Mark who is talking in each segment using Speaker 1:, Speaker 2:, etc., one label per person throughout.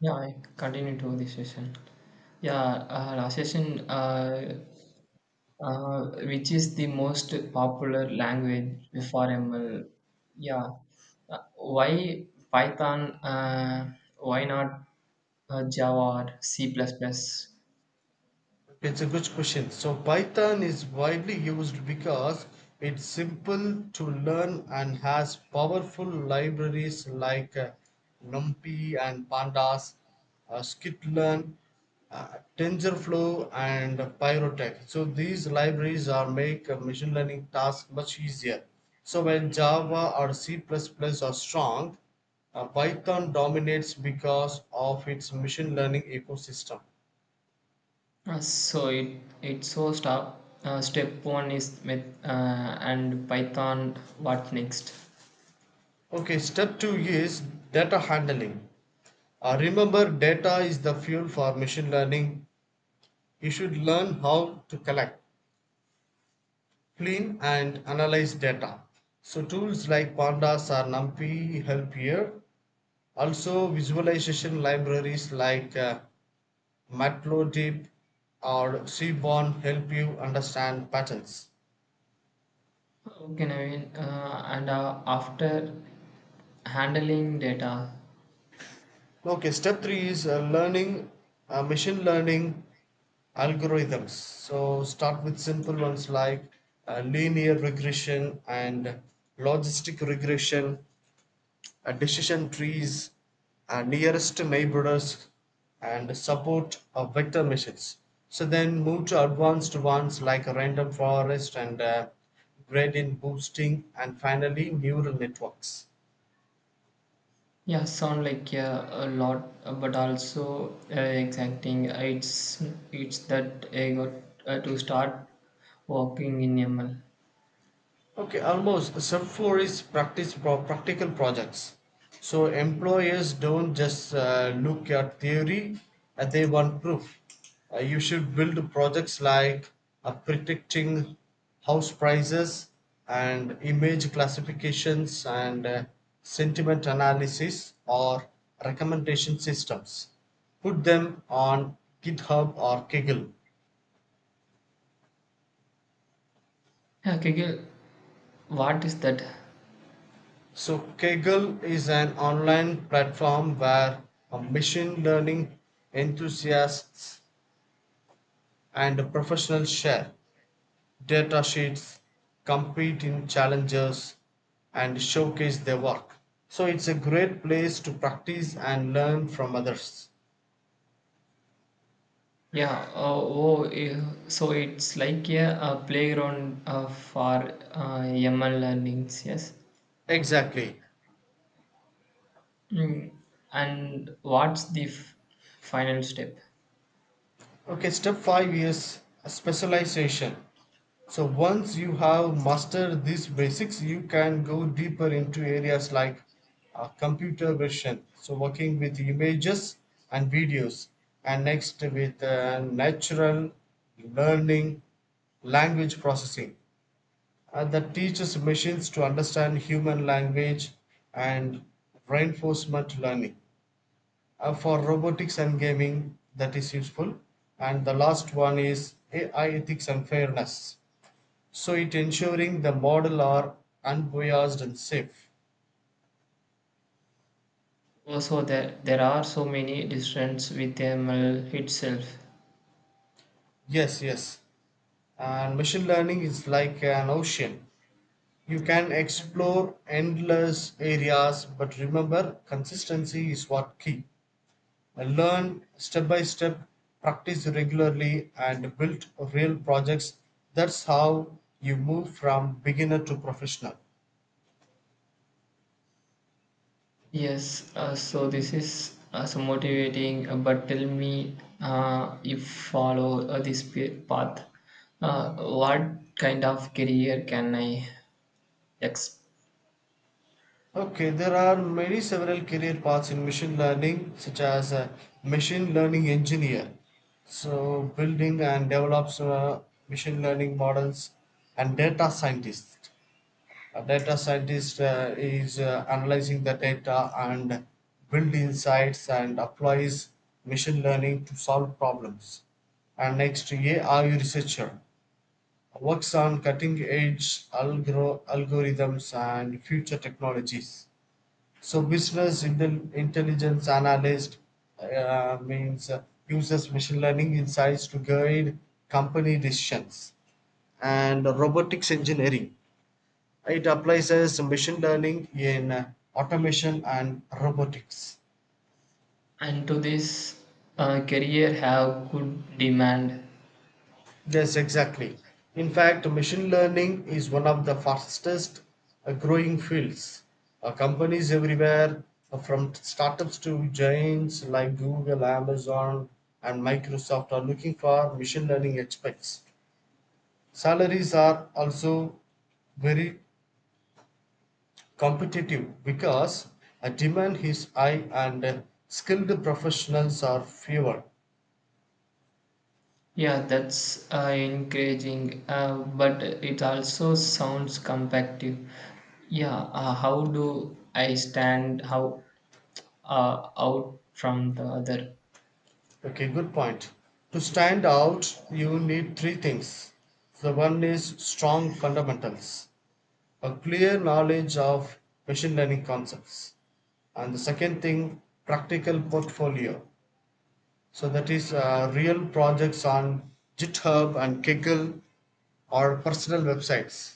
Speaker 1: Yeah, I continue to this session. Yeah, last session, which is the most popular language for ML? Yeah, why Python? Why not Java or C++? Plus plus?
Speaker 2: It's a good question. So Python is widely used because it's simple to learn and has powerful libraries like NumPy and Pandas, Skitlearn, TensorFlow, and Pyrotech. So these libraries are make machine learning tasks much easier. So while Java or C++ are strong, Python dominates because of its machine learning ecosystem.
Speaker 1: So it it so stop. Step one is with and Python. What next?
Speaker 2: Okay, step two is data handling. Remember, data is the fuel for machine learning. You should learn how to collect, clean, and analyze data. So, tools like Pandas or NumPy help here. Also, visualization libraries like Matplotlib or Seaborn help you understand patterns.
Speaker 1: Okay, Naveen. And after handling data.
Speaker 2: Okay, step three is learning machine learning algorithms. So start with simple ones like linear regression and logistic regression, decision trees, nearest neighbors, and support of vector machines. So then move to advanced ones like random forest and gradient boosting, and finally neural networks.
Speaker 1: Yeah, sound like a lot, but also exacting. It's that I got to start walking in ML.
Speaker 2: Okay, almost. Sub 4 is practice practical projects. So employers don't just look at theory, they want proof. You should build projects like predicting house prices and image classifications and sentiment analysis or recommendation systems. Put them on GitHub or Kaggle.
Speaker 1: Yeah, Kegel, what is that?
Speaker 2: So Kaggle is an online platform where machine learning enthusiasts and professionals share data sheets, compete in challenges, and showcase their work. So it's a great place to practice and learn from others.
Speaker 1: Yeah, uh, oh, eh, so it's like a playground for ML learnings, yes.
Speaker 2: Exactly.
Speaker 1: Mm. And what's the final step?
Speaker 2: Okay, step five is specialization. So once you have mastered these basics, you can go deeper into areas like computer vision, so working with images and videos, and next with natural learning, language processing that teaches machines to understand human language and reinforcement learning for robotics and gaming that is useful, and the last one is AI ethics and fairness, so it ensuring the model are unbiased and safe.
Speaker 1: Also, there are so many difference with ML itself.
Speaker 2: Yes, yes, and machine learning is like an ocean. You can explore endless areas, but remember consistency is what key. Learn step by step, practice regularly, and build real projects. That's how you move from beginner to professional.
Speaker 1: Yes, so this is so motivating, but tell me if follow this path, what kind of career can I expect?
Speaker 2: Okay, there are many several career paths in machine learning, such as a machine learning engineer. So, building and develops machine learning models and data scientist. A data scientist is analyzing the data and build insights and applies machine learning to solve problems. And next, AI researcher works on cutting edge algorithms and future technologies. So business intelligence analyst means uses machine learning insights to guide company decisions. And robotics engineering, it applies as machine learning in automation and robotics.
Speaker 1: And to this career have good demand.
Speaker 2: Yes, exactly. In fact, machine learning is one of the fastest growing fields. Companies everywhere, from startups to giants like Google, Amazon, and Microsoft, are looking for machine learning experts. Salaries are also very competitive because demand is high and skilled professionals are fewer.
Speaker 1: Yeah, that's encouraging, but it also sounds competitive. Yeah, how do I stand how out from the other?
Speaker 2: Okay, good point. To stand out, you need three things. The one is strong fundamentals, a clear knowledge of machine learning concepts. And the second thing, practical portfolio. So that is real projects on GitHub and Kaggle or personal websites.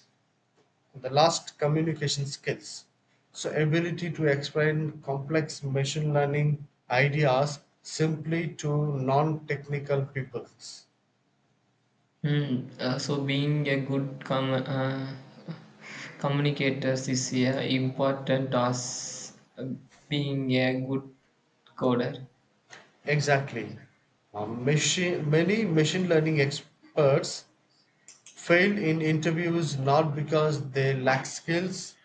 Speaker 2: The last, communication skills, so ability to explain complex machine learning ideas simply to non-technical peoples.
Speaker 1: So being a good communicators is a important as being a good coder.
Speaker 2: Exactly. Many machine learning experts fail in interviews not because they lack skills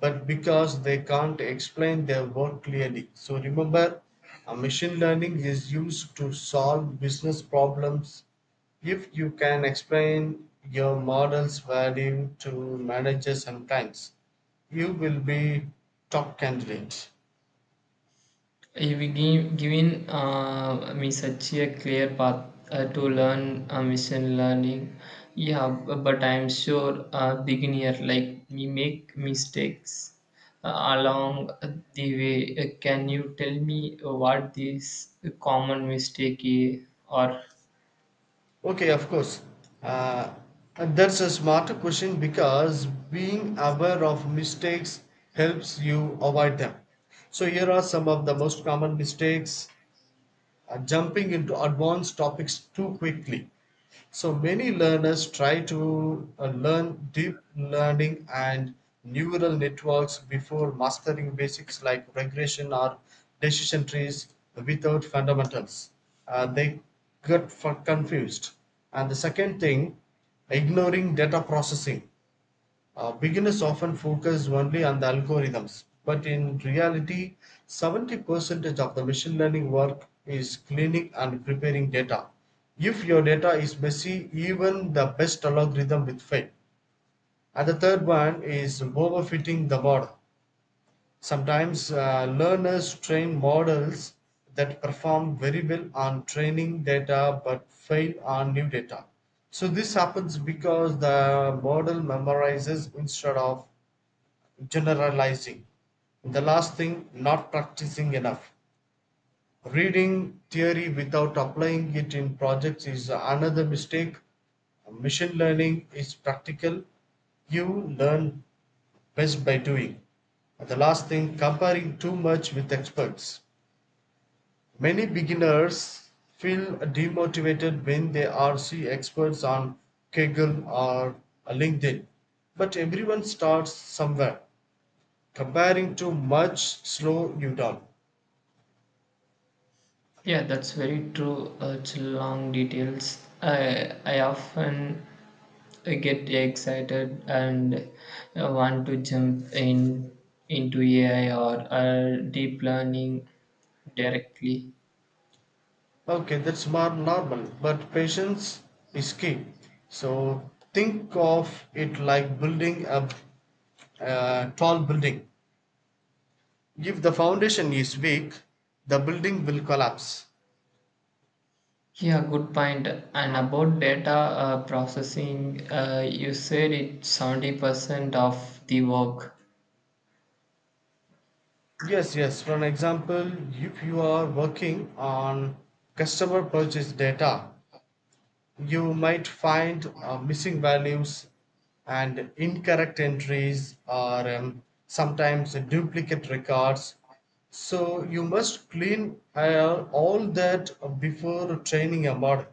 Speaker 2: but because they can't explain their work clearly. So remember, machine learning is used to solve business problems. If you can explain your model's value to managers and clients, you will be top candidate.
Speaker 1: If we give, given me such a clear path to learn machine learning, but I'm sure a beginner like me make mistakes along the way. Can you tell me what this common mistake is or.
Speaker 2: Okay, of course. Uh, and that's a smarter question because being aware of mistakes helps you avoid them. So here are some of the most common mistakes. Uh, jumping into advanced topics too quickly. So many learners try to learn deep learning and neural networks before mastering basics like regression or decision trees without fundamentals. They get confused. And the second thing, ignoring data processing. Beginners often focus only on the algorithms, but in reality, 70% of the machine learning work is cleaning and preparing data. If your data is messy, even the best algorithm will fail. And the third one is overfitting the model. Sometimes learners train models that perform very well on training data but fail on new data. So this happens because the model memorizes instead of generalizing. The last thing, not practicing enough. Reading theory without applying it in projects is another mistake. Machine learning is practical. You learn best by doing. The last thing, comparing too much with experts. Many beginners feel demotivated when they are see experts on Kaggle or LinkedIn. But everyone starts somewhere. Comparing to much slow you down.
Speaker 1: Yeah, that's very true. It's long details. I often get excited and want to jump in into AI or deep learning directly.
Speaker 2: Okay, that's more normal, but patience is key. So think of it like building a tall building. If the foundation is weak, the building will collapse.
Speaker 1: Yeah, good point. And about data processing, you said it's 70% of the work.
Speaker 2: Yes, yes, for an example, if you are working on customer purchase data, you might find missing values and incorrect entries or sometimes duplicate records. So you must clean all that before training a model.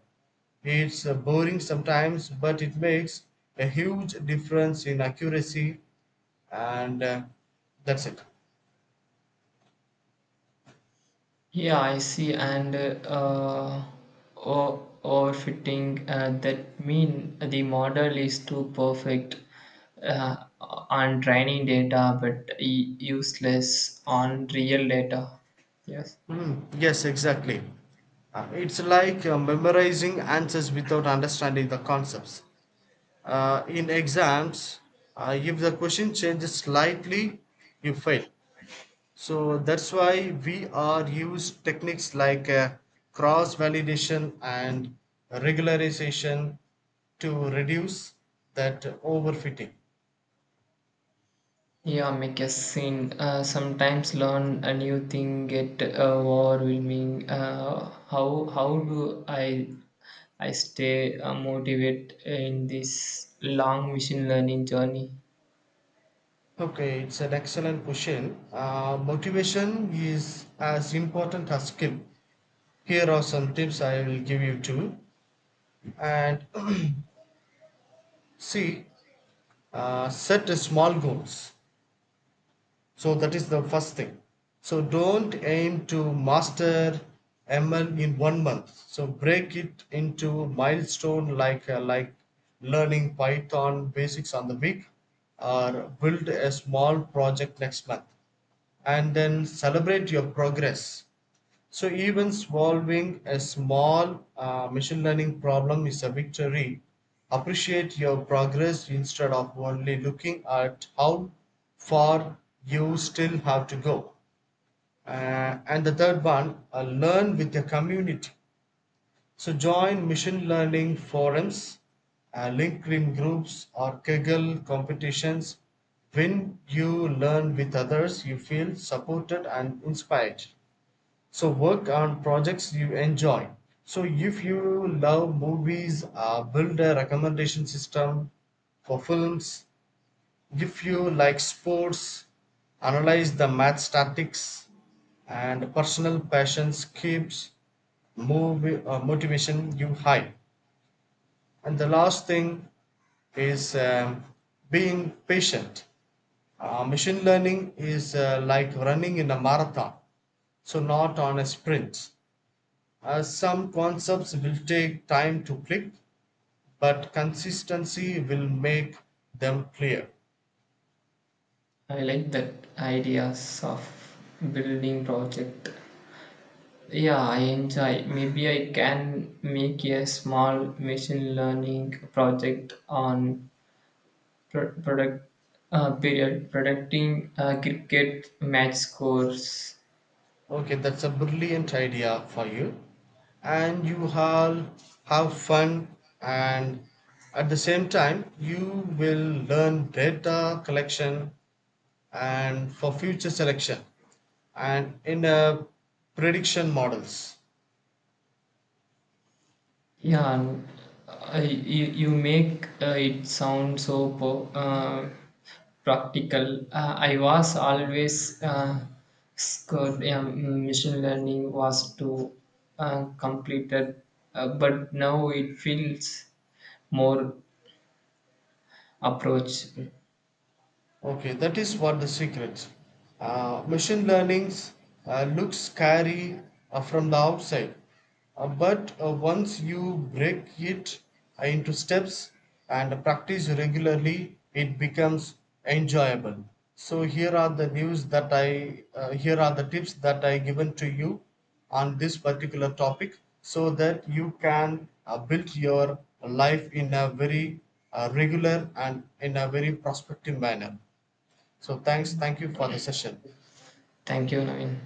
Speaker 2: It's boring sometimes, but it makes a huge difference in accuracy and that's it.
Speaker 1: Yeah, I see. And overfitting, that mean the model is too perfect on training data, but useless on real data. Yes.
Speaker 2: Hmm, yes, exactly. It's like memorizing answers without understanding the concepts. In exams, if the question changes slightly, you fail. So that's why we are use techniques like cross validation and regularization to reduce that overfitting.
Speaker 1: Yeah, make a scene. Sometimes learn a new thing get overwhelming. How do I stay motivated in this long machine learning journey?
Speaker 2: Okay, it's an excellent question. Motivation is as important as skill. Here are some tips I will give you too. And see, set a small goals. So that is the first thing. So don't aim to master ML in 1 month. So break it into milestone like learning Python basics on the week or build a small project next month and then celebrate your progress. So even solving a small machine learning problem is a victory. Appreciate your progress instead of only looking at how far you still have to go. And the third one, learn with your community. So join machine learning forums, LinkedIn groups, or Kaggle competitions. When you learn with others, you feel supported and inspired. So work on projects you enjoy. So if you love movies, build a recommendation system for films. If you like sports, analyze the math statics and personal passions keeps motivation you high. And the last thing is being patient. Machine learning is like running in a marathon, so not on a sprint. Some concepts will take time to click, but consistency will make them clear.
Speaker 1: I like that ideas of building project. Yeah, I enjoy. Maybe I can make a small machine learning project on pro- product period predicting cricket match scores.
Speaker 2: Okay, that's a brilliant idea for you. And you all have fun, and at the same time, you will learn data collection and for future selection and in prediction models.
Speaker 1: Yeah, and you make it sound so practical. I was always scared machine learning was too completed, but now it feels more approach.
Speaker 2: Okay, that is what the secret. Machine learnings looks scary from the outside, but once you break it into steps and practice regularly, it becomes enjoyable. So here are the tips that I given to you on this particular topic, so that you can build your life in a very regular and in a very prospective manner. So thank you for the session.
Speaker 1: Thank you, Naveen.